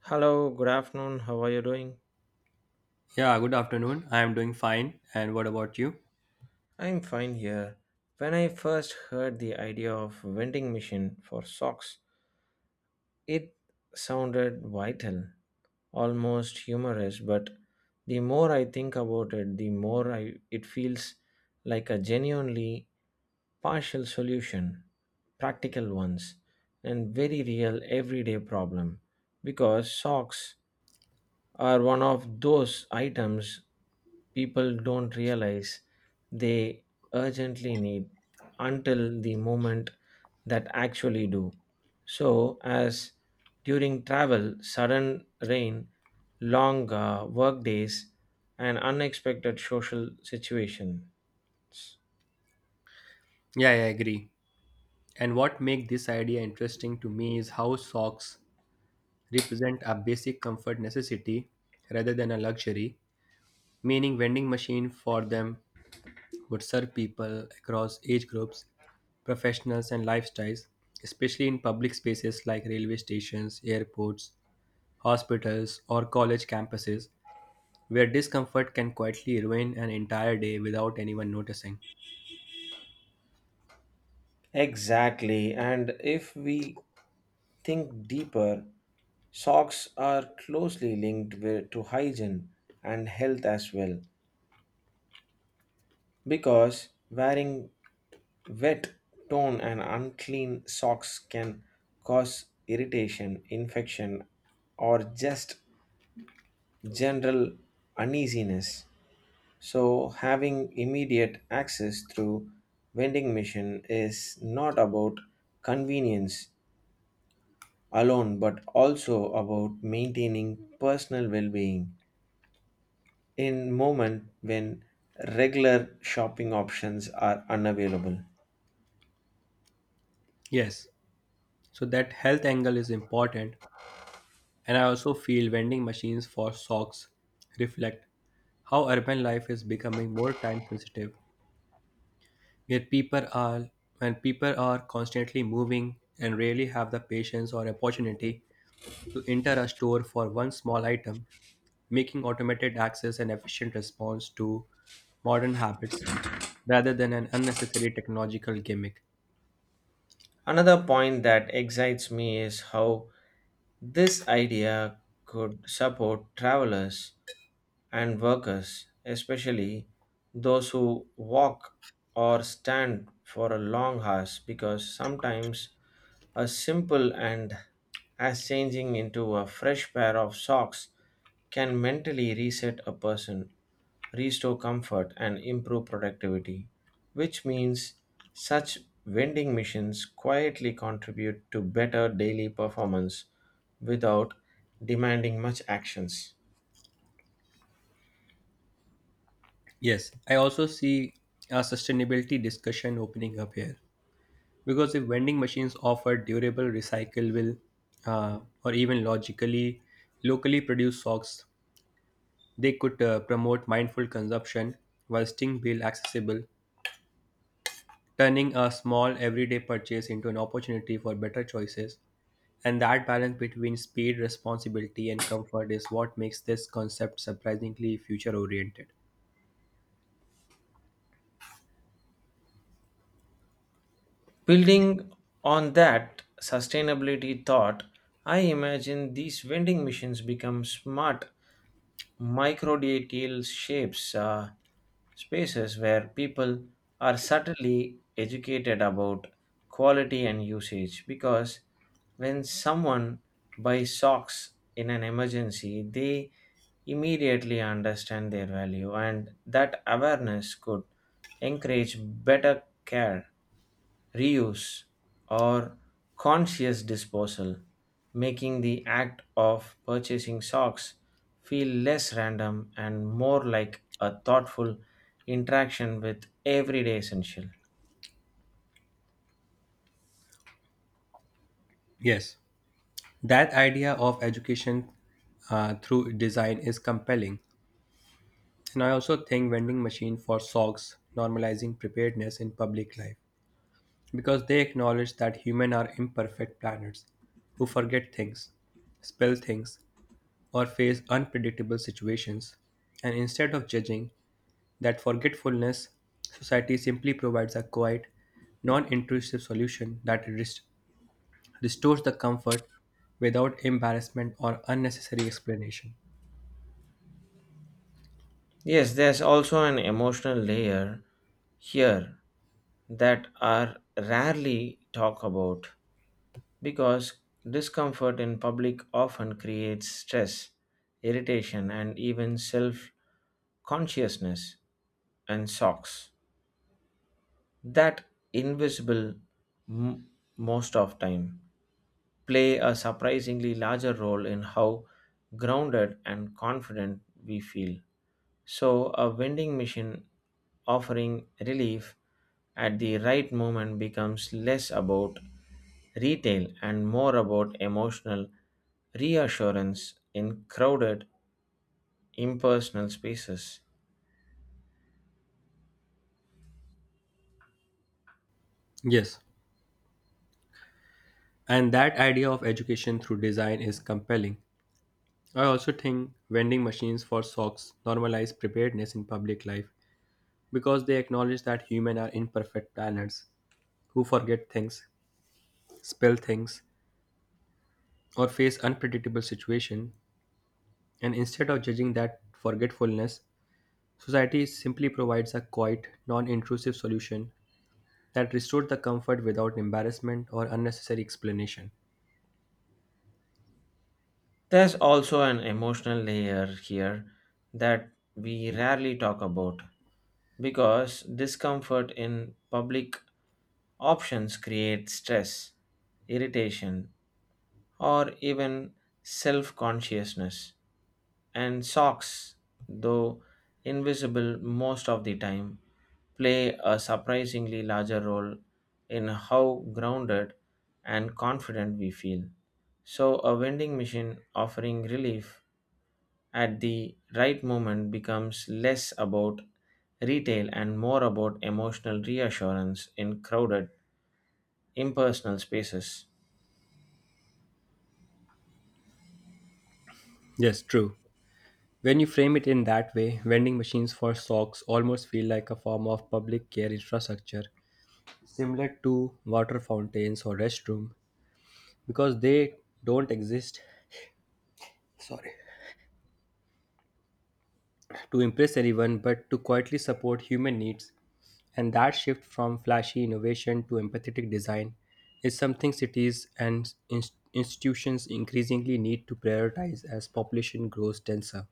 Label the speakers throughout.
Speaker 1: Hello, good afternoon. How are you doing?
Speaker 2: Yeah, good afternoon. I am doing fine. And what about you?
Speaker 1: I'm fine here. When I first heard the idea of vending machine for socks, it sounded vital, almost humorous, but the more I think about it, the more I it feels like a genuinely partial solution, practical ones, and very real everyday problem because socks are one of those items people don't realize they urgently need until the moment that actually do. So, as during travel, sudden rain, long work days, and unexpected social situation.
Speaker 2: Yeah, I agree. And what makes this idea interesting to me is how socks represent a basic comfort necessity rather than a luxury, meaning vending machine for them would serve people across age groups, professionals and lifestyles, especially in public spaces like railway stations, airports, hospitals or college campuses where discomfort can quietly ruin an entire day without anyone noticing.
Speaker 1: Exactly, and if we think deeper, socks are closely linked with, to hygiene and health as well. Because wearing wet, torn, and unclean socks can cause irritation, infection, or just general uneasiness. So, having immediate access through vending machine is not about convenience alone but also about maintaining personal well-being in moment when regular shopping options are unavailable.
Speaker 2: Yes. So that health angle is important, and I also feel vending machines for socks reflect how urban life is becoming more time sensitive, where people are when people are constantly moving and rarely have the patience or opportunity to enter a store for one small item, making automated access an efficient response to modern habits rather than an unnecessary technological gimmick.
Speaker 1: Another point that excites me is how this idea could support travelers and workers, especially those who walk or stand for a long hours, because sometimes a simple and as changing into a fresh pair of socks can mentally reset a person, restore comfort, and improve productivity, which means such vending machines quietly contribute to better daily performance without demanding much actions.
Speaker 2: Yes, I also see a sustainability discussion opening up here because if vending machines offer durable recyclable or even logically locally produced socks they could promote mindful consumption while staying bill accessible, turning a small everyday purchase into an opportunity for better choices, and that balance between speed responsibility and comfort is what makes this concept surprisingly future oriented.
Speaker 1: Building on that sustainability thought, I imagine these vending machines become smart microdetail shapes spaces where people are subtly educated about quality and usage because when someone buys socks in an emergency they immediately understand their value and that awareness could encourage better care, reuse, or conscious disposal, making the act of purchasing socks feel less random and more like a thoughtful interaction with everyday essential.
Speaker 2: Yes, that idea of education through design is compelling. And I also think vending machine for socks normalizing preparedness in public life because they acknowledge that humans are imperfect planners who forget things, spell things, or face unpredictable situations. And instead of judging that forgetfulness, society simply provides a quiet, non-intrusive solution that restores the comfort without embarrassment or unnecessary explanation.
Speaker 1: Yes, there's also an emotional layer here that are rarely talked about because discomfort in public often creates stress, irritation, and even self consciousness. And socks, that invisible m- most of time, play a surprisingly larger role in how grounded and confident we feel, so a vending machine offering relief at the right moment becomes less about retail and more about emotional reassurance in crowded, impersonal spaces.
Speaker 2: Yes, and that idea of education through design is compelling. I also think vending machines for socks normalize preparedness in public life because they acknowledge that humans are imperfect planners who forget things, spill things, or face unpredictable situations. And instead of judging that forgetfulness, society simply provides a quiet, non intrusive solution that restores the comfort without embarrassment or unnecessary explanation.
Speaker 1: There's also an emotional layer here that we rarely talk about because discomfort in public options creates stress, irritation, or even self consciousness. And socks, though invisible most of the time, play a surprisingly larger role in how grounded and confident we feel. So, a vending machine offering relief at the right moment becomes less about retail and more about emotional reassurance in crowded, impersonal spaces.
Speaker 2: Yes, true. When you frame it in that way, vending machines for socks almost feel like a form of public care infrastructure similar to water fountains or restroom because they don't exist, sorry, to impress anyone but to quietly support human needs, and that shift from flashy innovation to empathetic design is something cities and institutions increasingly need to prioritize as population grows denser.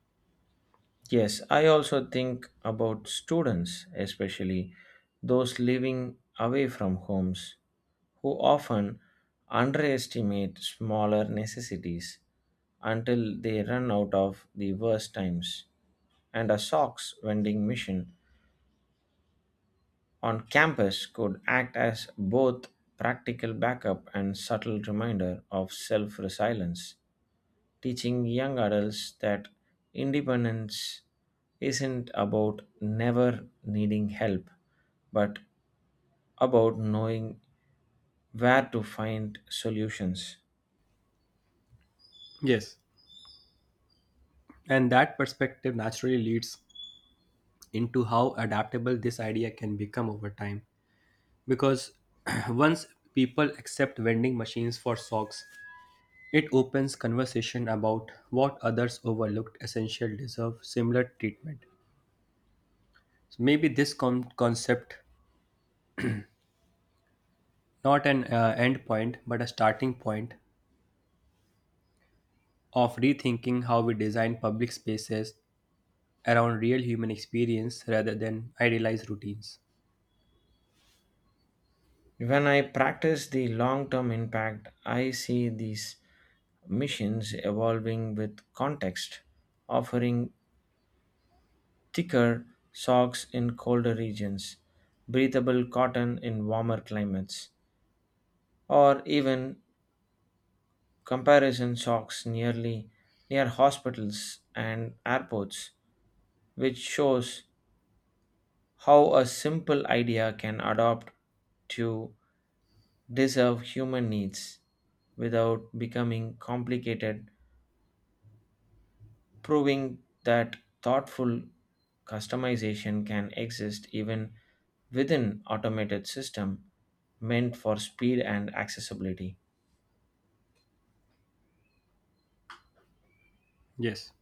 Speaker 1: Yes, I also think about students, especially those living away from homes, who often underestimate smaller necessities until they run out of the worst times. And a socks vending machine on campus could act as both practical backup and subtle reminder of self resilience, teaching young adults that independence isn't about never needing help, but about knowing where to find solutions.
Speaker 2: Yes, and that perspective naturally leads into how adaptable this idea can become over time because once people accept vending machines for socks, it opens conversation about what others overlooked essential deserve similar treatment. So maybe this concept, not an end point, but a starting point of rethinking how we design public spaces around real human experience rather than idealized routines.
Speaker 1: When I practice the long term impact, I see these missions evolving with context, offering thicker socks in colder regions, breathable cotton in warmer climates, or even comparison socks nearly near hospitals and airports, which shows how a simple idea can adapt to deserve human needs without becoming complicated, proving that thoughtful customization can exist even within automated system meant for speed and accessibility.
Speaker 2: Yes.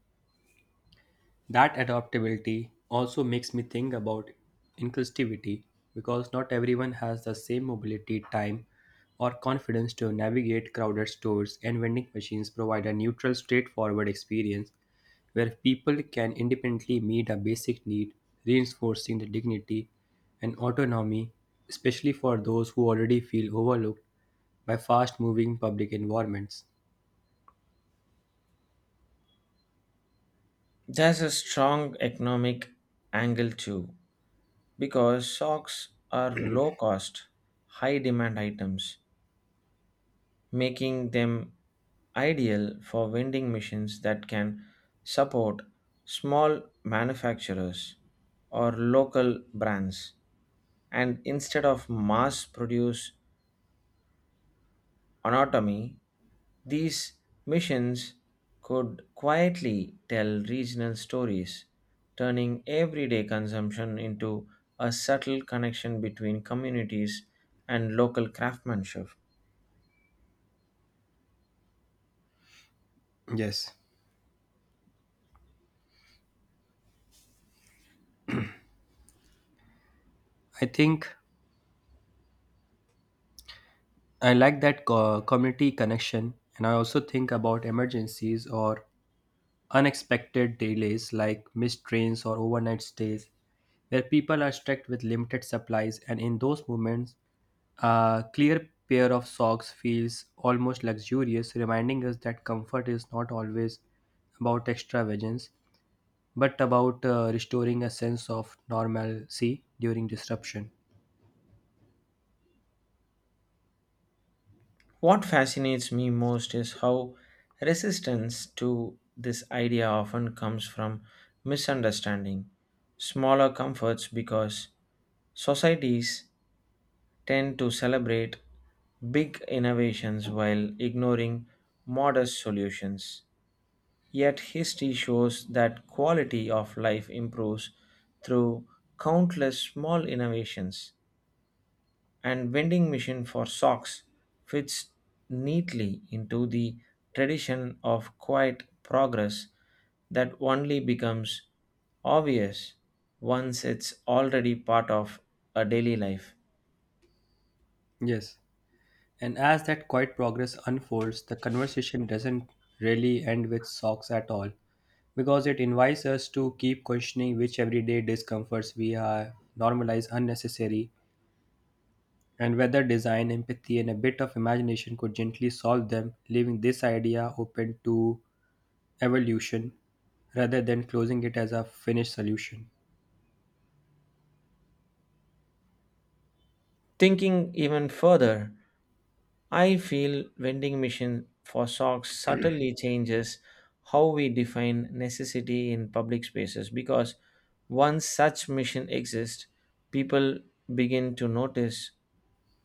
Speaker 2: That adaptability also makes me think about inclusivity because not everyone has the same mobility, time, or confidence to navigate crowded stores, and vending machines provide a neutral, straightforward experience where people can independently meet a basic need, reinforcing the dignity and autonomy, especially for those who already feel overlooked by fast moving public environments.
Speaker 1: There's a strong economic angle too, because socks are low cost, high demand items, making them ideal for vending machines that can support small manufacturers or local brands. And instead of mass produce anatomy, these missions could quietly tell regional stories, turning everyday consumption into a subtle connection between communities and local craftsmanship.
Speaker 2: Yes. I think I like that community connection, and I also think about emergencies or unexpected delays like missed trains or overnight stays, where people are stuck with limited supplies, and in those moments, a clear pair of socks feels almost luxurious, reminding us that comfort is not always about extravagance, but about restoring a sense of normalcy during disruption.
Speaker 1: What fascinates me most is how resistance to this idea often comes from misunderstanding, smaller comforts because societies tend to celebrate big innovations while ignoring modest solutions. Yet, history shows that quality of life improves through countless small innovations, and vending machine for socks fits neatly into the tradition of quiet progress that only becomes obvious once it's already part of a daily life.
Speaker 2: Yes. And as that quiet progress unfolds, the conversation doesn't really end with socks at all, because it invites us to keep questioning which everyday discomforts we have normalized unnecessary, and whether design, empathy, and a bit of imagination could gently solve them, leaving this idea open to evolution rather than closing it as a finished solution.
Speaker 1: Thinking even further, I feel vending machine for socks subtly changes how we define necessity in public spaces because once such machine exists, people begin to notice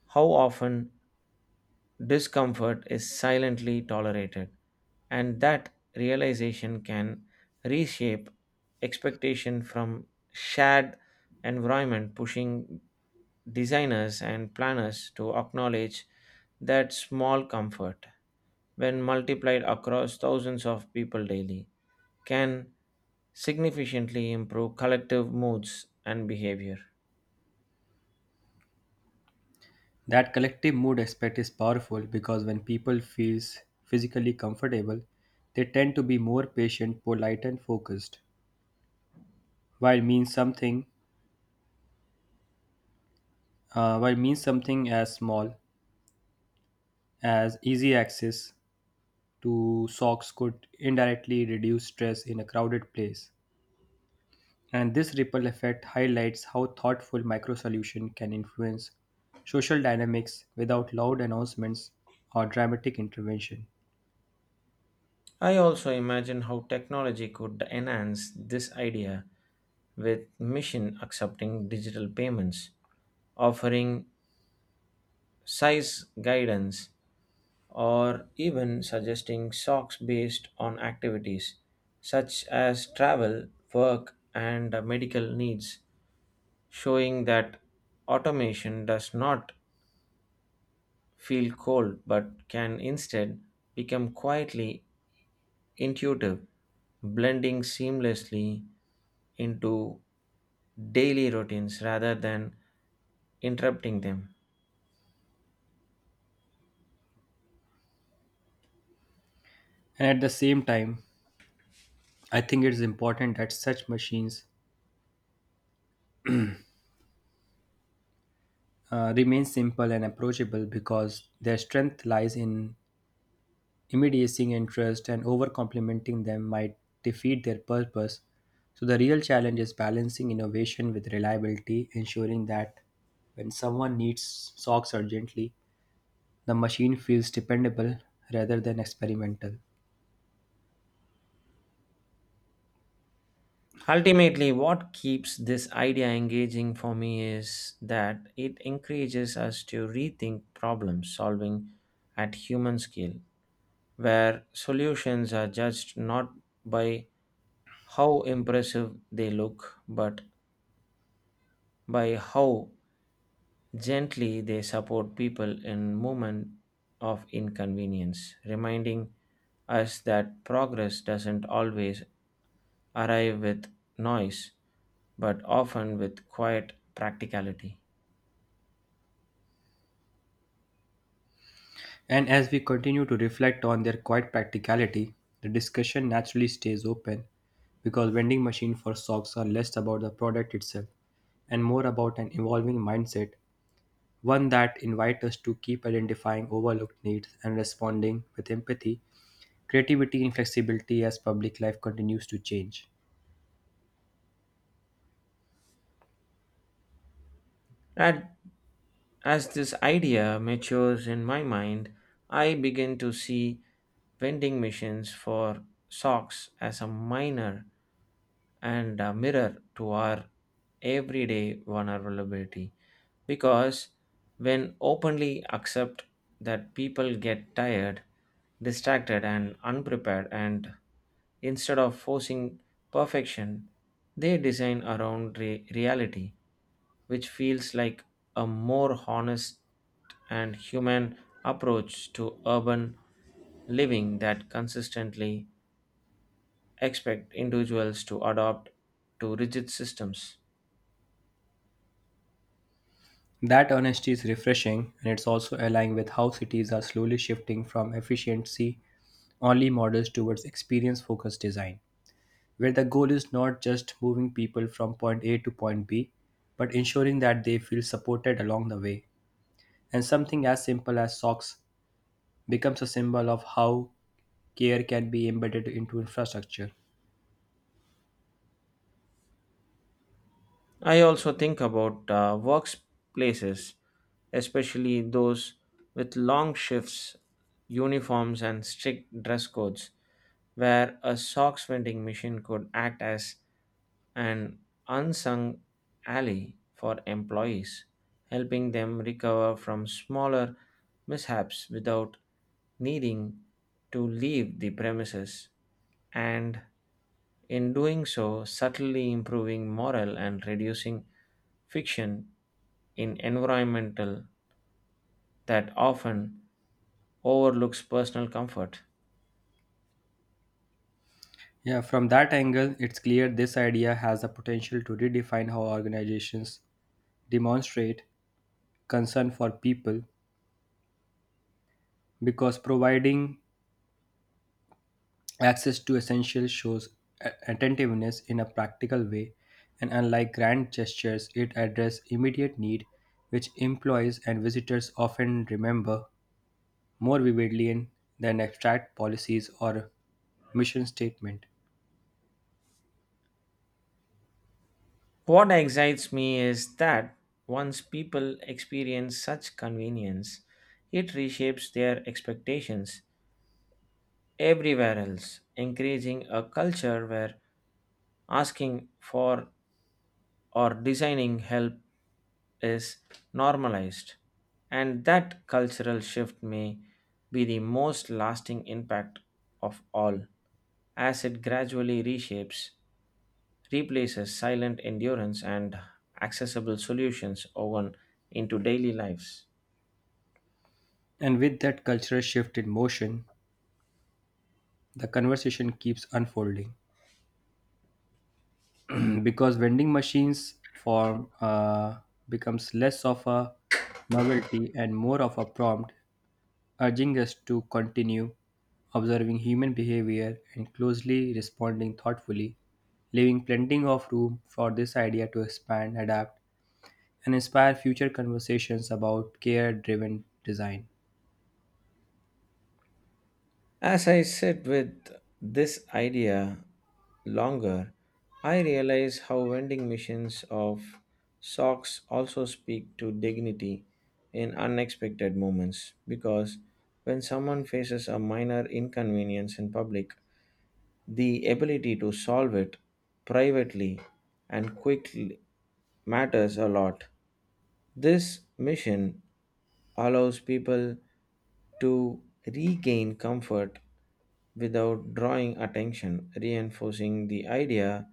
Speaker 1: how often discomfort is silently tolerated, and that realization can reshape expectation from shared environment, pushing designers and planners to acknowledge that small comfort, when multiplied across thousands of people daily, can significantly improve collective moods and behavior.
Speaker 2: That collective mood aspect is powerful because when people feel physically comfortable, they tend to be more patient, polite, and focused. While means something, while means something as small as easy access to socks could indirectly reduce stress in a crowded place. And this ripple effect highlights how thoughtful micro solution can influence social dynamics without loud announcements or dramatic intervention.
Speaker 1: I also imagine how technology could enhance this idea with machine accepting digital payments, offering size guidance, or even suggesting socks based on activities such as travel, work, and medical needs, showing that automation does not feel cold but can instead become quietly intuitive, blending seamlessly into daily routines rather than interrupting them.
Speaker 2: And at the same time, I think it is important that such machines remain simple and approachable because their strength lies in immediacy interest, and over complementing them might defeat their purpose. So, the real challenge is balancing innovation with reliability, ensuring that when someone needs socks urgently, the machine feels dependable rather than experimental.
Speaker 1: Ultimately, what keeps this idea engaging for me is that it encourages us to rethink problem solving at human scale, where solutions are judged not by how impressive they look, but by how gently they support people in moment of inconvenience, reminding us that progress doesn't always arrive with noise but often with quiet practicality.
Speaker 2: And as we continue to reflect on their quiet practicality, the discussion naturally stays open because vending machine for socks are less about the product itself and more about an evolving mindset, one that invites us to keep identifying overlooked needs and responding with empathy, creativity, and flexibility as public life continues to change.
Speaker 1: And as this idea matures in my mind, I begin to see vending machines for socks as a minor and a mirror to our everyday vulnerability. Because when openly accept that people get tired, distracted and unprepared, and instead of forcing perfection they design around reality, which feels like a more honest and human approach to urban living that consistently expect individuals to adopt to rigid systems.
Speaker 2: That honesty is refreshing and it's also aligned with how cities are slowly shifting from efficiency only models towards experience focused design, where the goal is not just moving people from point A to point B, but ensuring that they feel supported along the way. And something as simple as socks becomes a symbol of how care can be embedded into infrastructure.
Speaker 1: I also think about workplaces, especially those with long shifts, uniforms, and strict dress codes, where a socks vending machine could act as an unsung ally for employees, helping them recover from smaller mishaps without needing to leave the premises. And in doing so, subtly improving morale and reducing fiction in environmental that often overlooks personal comfort.
Speaker 2: Yeah, from that angle, it's clear this idea has the potential to redefine how organizations demonstrate concern for people because providing access to essentials shows attentiveness in a practical way, and unlike grand gestures, it addresses immediate need, which employees and visitors often remember more vividly than abstract policies or mission statement.
Speaker 1: What excites me is that once people experience such convenience, it reshapes their expectations everywhere else, encouraging a culture where asking for or designing help is normalized, and that cultural shift may be the most lasting impact of all, as it gradually reshapes, replaces silent endurance and accessible solutions woven into daily lives.
Speaker 2: And with that cultural shift in motion, the conversation keeps unfolding because vending machines form becomes less of a novelty and more of a prompt urging us to continue observing human behavior and closely responding thoughtfully, leaving plenty of room for this idea to expand, adapt, and inspire future conversations about care driven design.
Speaker 1: As I sit with this idea longer, I realize how vending machines of socks also speak to dignity in unexpected moments because when someone faces a minor inconvenience in public, the ability to solve it privately and quickly matters a lot. This mission allows people to regain comfort without drawing attention, reinforcing the idea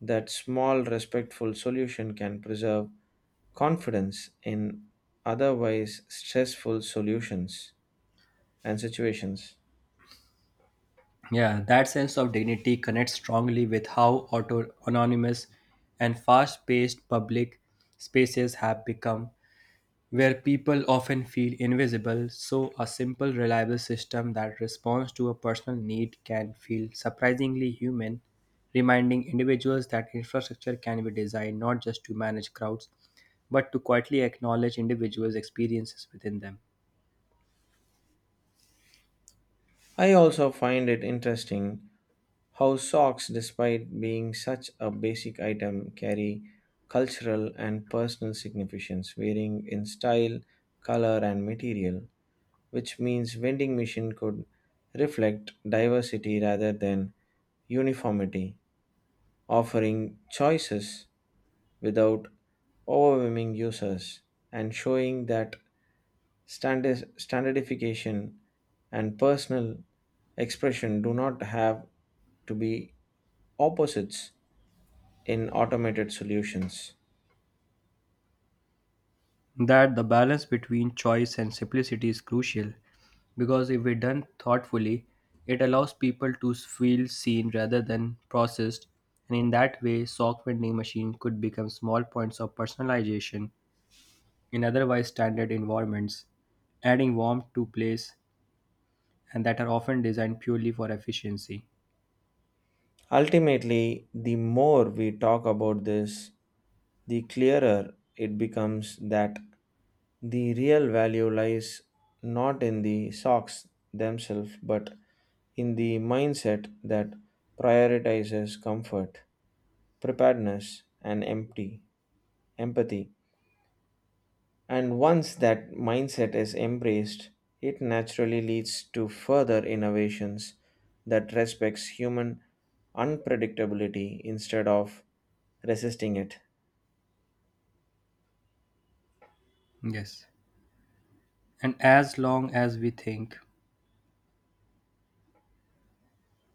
Speaker 1: that small, respectful solution can preserve confidence in otherwise stressful solutions and situations.
Speaker 2: Yeah, that sense of dignity connects strongly with how auto anonymous and fast paced public spaces have become, where people often feel invisible, so a simple, reliable system that responds to a personal need can feel surprisingly human, reminding individuals that infrastructure can be designed not just to manage crowds, but to quietly acknowledge individuals' experiences within them.
Speaker 1: I also find it interesting how socks, despite being such a basic item, carry cultural and personal significance, varying in style, color, and material, which means vending machine could reflect diversity rather than uniformity, offering choices without overwhelming users and showing that standardification and personal expression do not have to be opposites in automated solutions.
Speaker 2: That the balance between choice and simplicity is crucial because if we done thoughtfully, it allows people to feel seen rather than processed, and in that way sock vending machine could become small points of personalization in otherwise standard environments, adding warmth to place and that are often designed purely for efficiency.
Speaker 1: Ultimately, the more we talk about this, the clearer it becomes that the real value lies not in the socks themselves but in the mindset that prioritizes comfort, preparedness, and empty empathy. And once that mindset is embraced, it naturally leads to further innovations that respects human unpredictability instead of resisting it.
Speaker 2: Yes, and as long as we think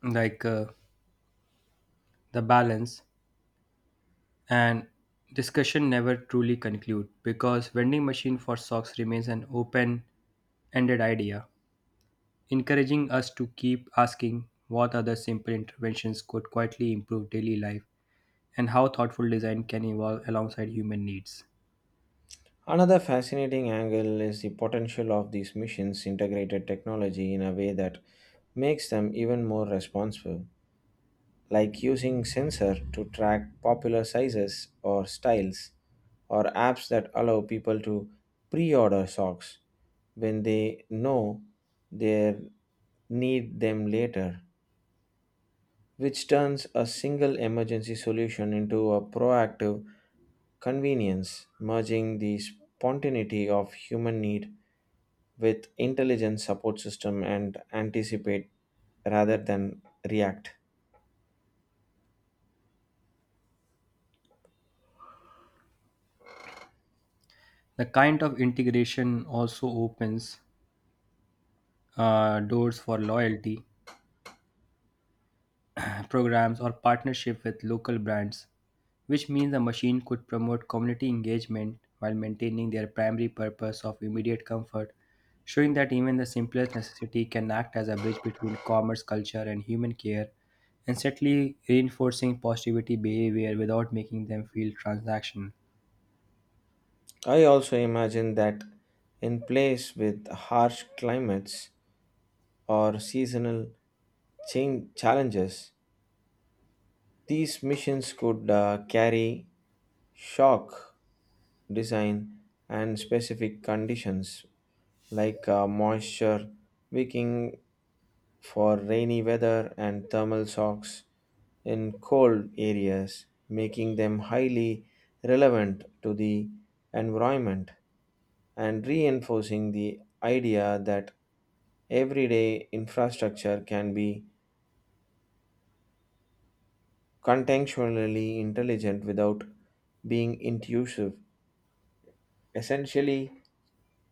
Speaker 2: like the balance and discussion never truly conclude because vending machine for socks remains an open-ended idea, encouraging us to keep asking what other simple interventions could quietly improve daily life and how thoughtful design can evolve alongside human needs.
Speaker 1: Another fascinating angle is the potential of these missions integrated technology in a way that makes them even more responsive, like using sensor to track popular sizes or styles or apps that allow people to pre-order socks when they know they need them later, which turns a single emergency solution into a proactive convenience, merging the spontaneity of human need with intelligent support system and anticipate rather than react.
Speaker 2: The kind of integration also opens doors for loyalty programs or partnership with local brands, which means the machine could promote community engagement while maintaining their primary purpose of immediate comfort, showing that even the simplest necessity can act as a bridge between commerce culture and human care, and subtly reinforcing positivity behavior without making them feel transactional.
Speaker 1: I also imagine that in place with harsh climates or seasonal change challenges, these missions could carry shock design and specific conditions like moisture wicking for rainy weather and thermal shocks in cold areas, making them highly relevant to the environment and reinforcing the idea that everyday infrastructure can be contextually intelligent without being intrusive, essentially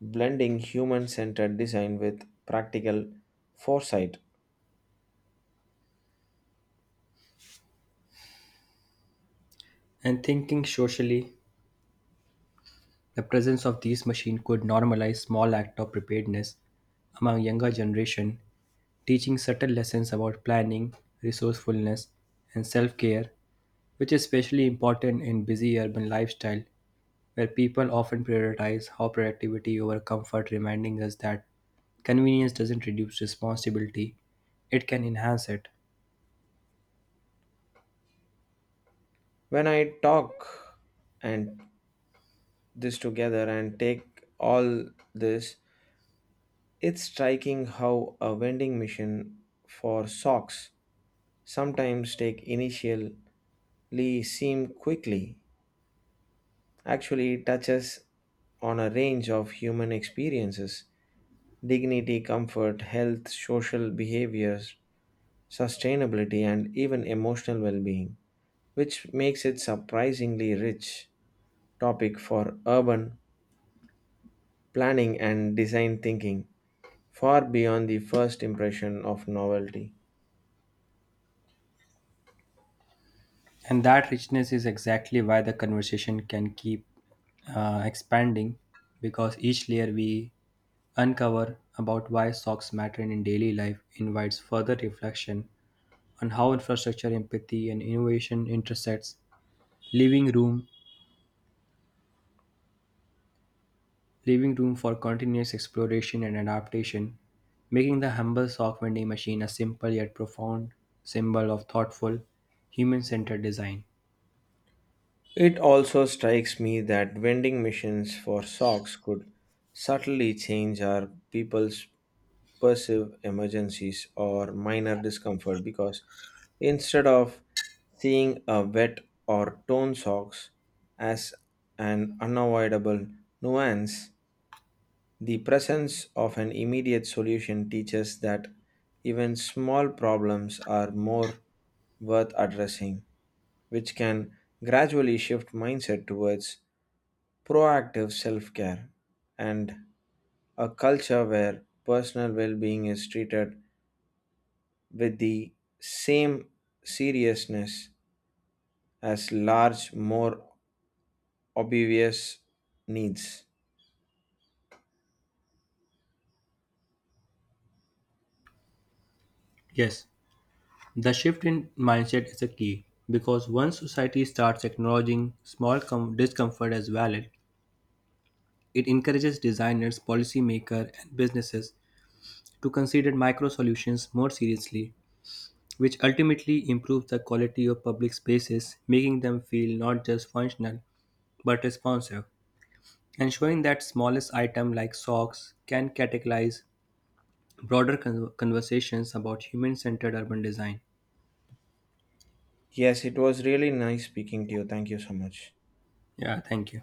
Speaker 1: blending human centered design with practical foresight.
Speaker 2: And thinking socially, the presence of these machines could normalize small acts of preparedness among younger generation, teaching subtle lessons about planning, resourcefulness, and self-care, which is especially important in busy urban lifestyle where people often prioritize how productivity over comfort, reminding us that convenience doesn't reduce responsibility, it can enhance it.
Speaker 1: When I talk and this together and take all this, it's striking how a vending machine for socks sometimes take initially seem quickly actually touches on a range of human experiences: dignity, comfort, health, social behaviors, sustainability, and even emotional well being, which makes it surprisingly rich topic for urban planning and design thinking, far beyond the first impression of novelty.
Speaker 2: And that richness is exactly why the conversation can keep expanding because each layer we uncover about why socks matter in daily life invites further reflection on how infrastructure, empathy, and innovation intersects, leaving room, leaving room for continuous exploration and adaptation, making the humble sock vending machine a simple yet profound symbol of thoughtful, human-centered design.
Speaker 1: It also strikes me that vending machines for socks could subtly change our people's perceive emergencies or minor discomfort because instead of seeing a wet or torn socks as an unavoidable nuance, the presence of an immediate solution teaches that even small problems are more worth addressing, which can gradually shift mindset towards proactive self care and a culture where personal well being is treated with the same seriousness as large, more obvious needs.
Speaker 2: Yes. The shift in mindset is a key because once society starts acknowledging small discomfort as valid, it encourages designers, policymakers, and businesses to consider micro solutions more seriously, which ultimately improves the quality of public spaces, making them feel not just functional but responsive, and showing that smallest item like socks can categorize broader conversations about human-centered urban design.
Speaker 1: Yes, it was really nice speaking to you. Thank you so much.
Speaker 2: Yeah, thank you.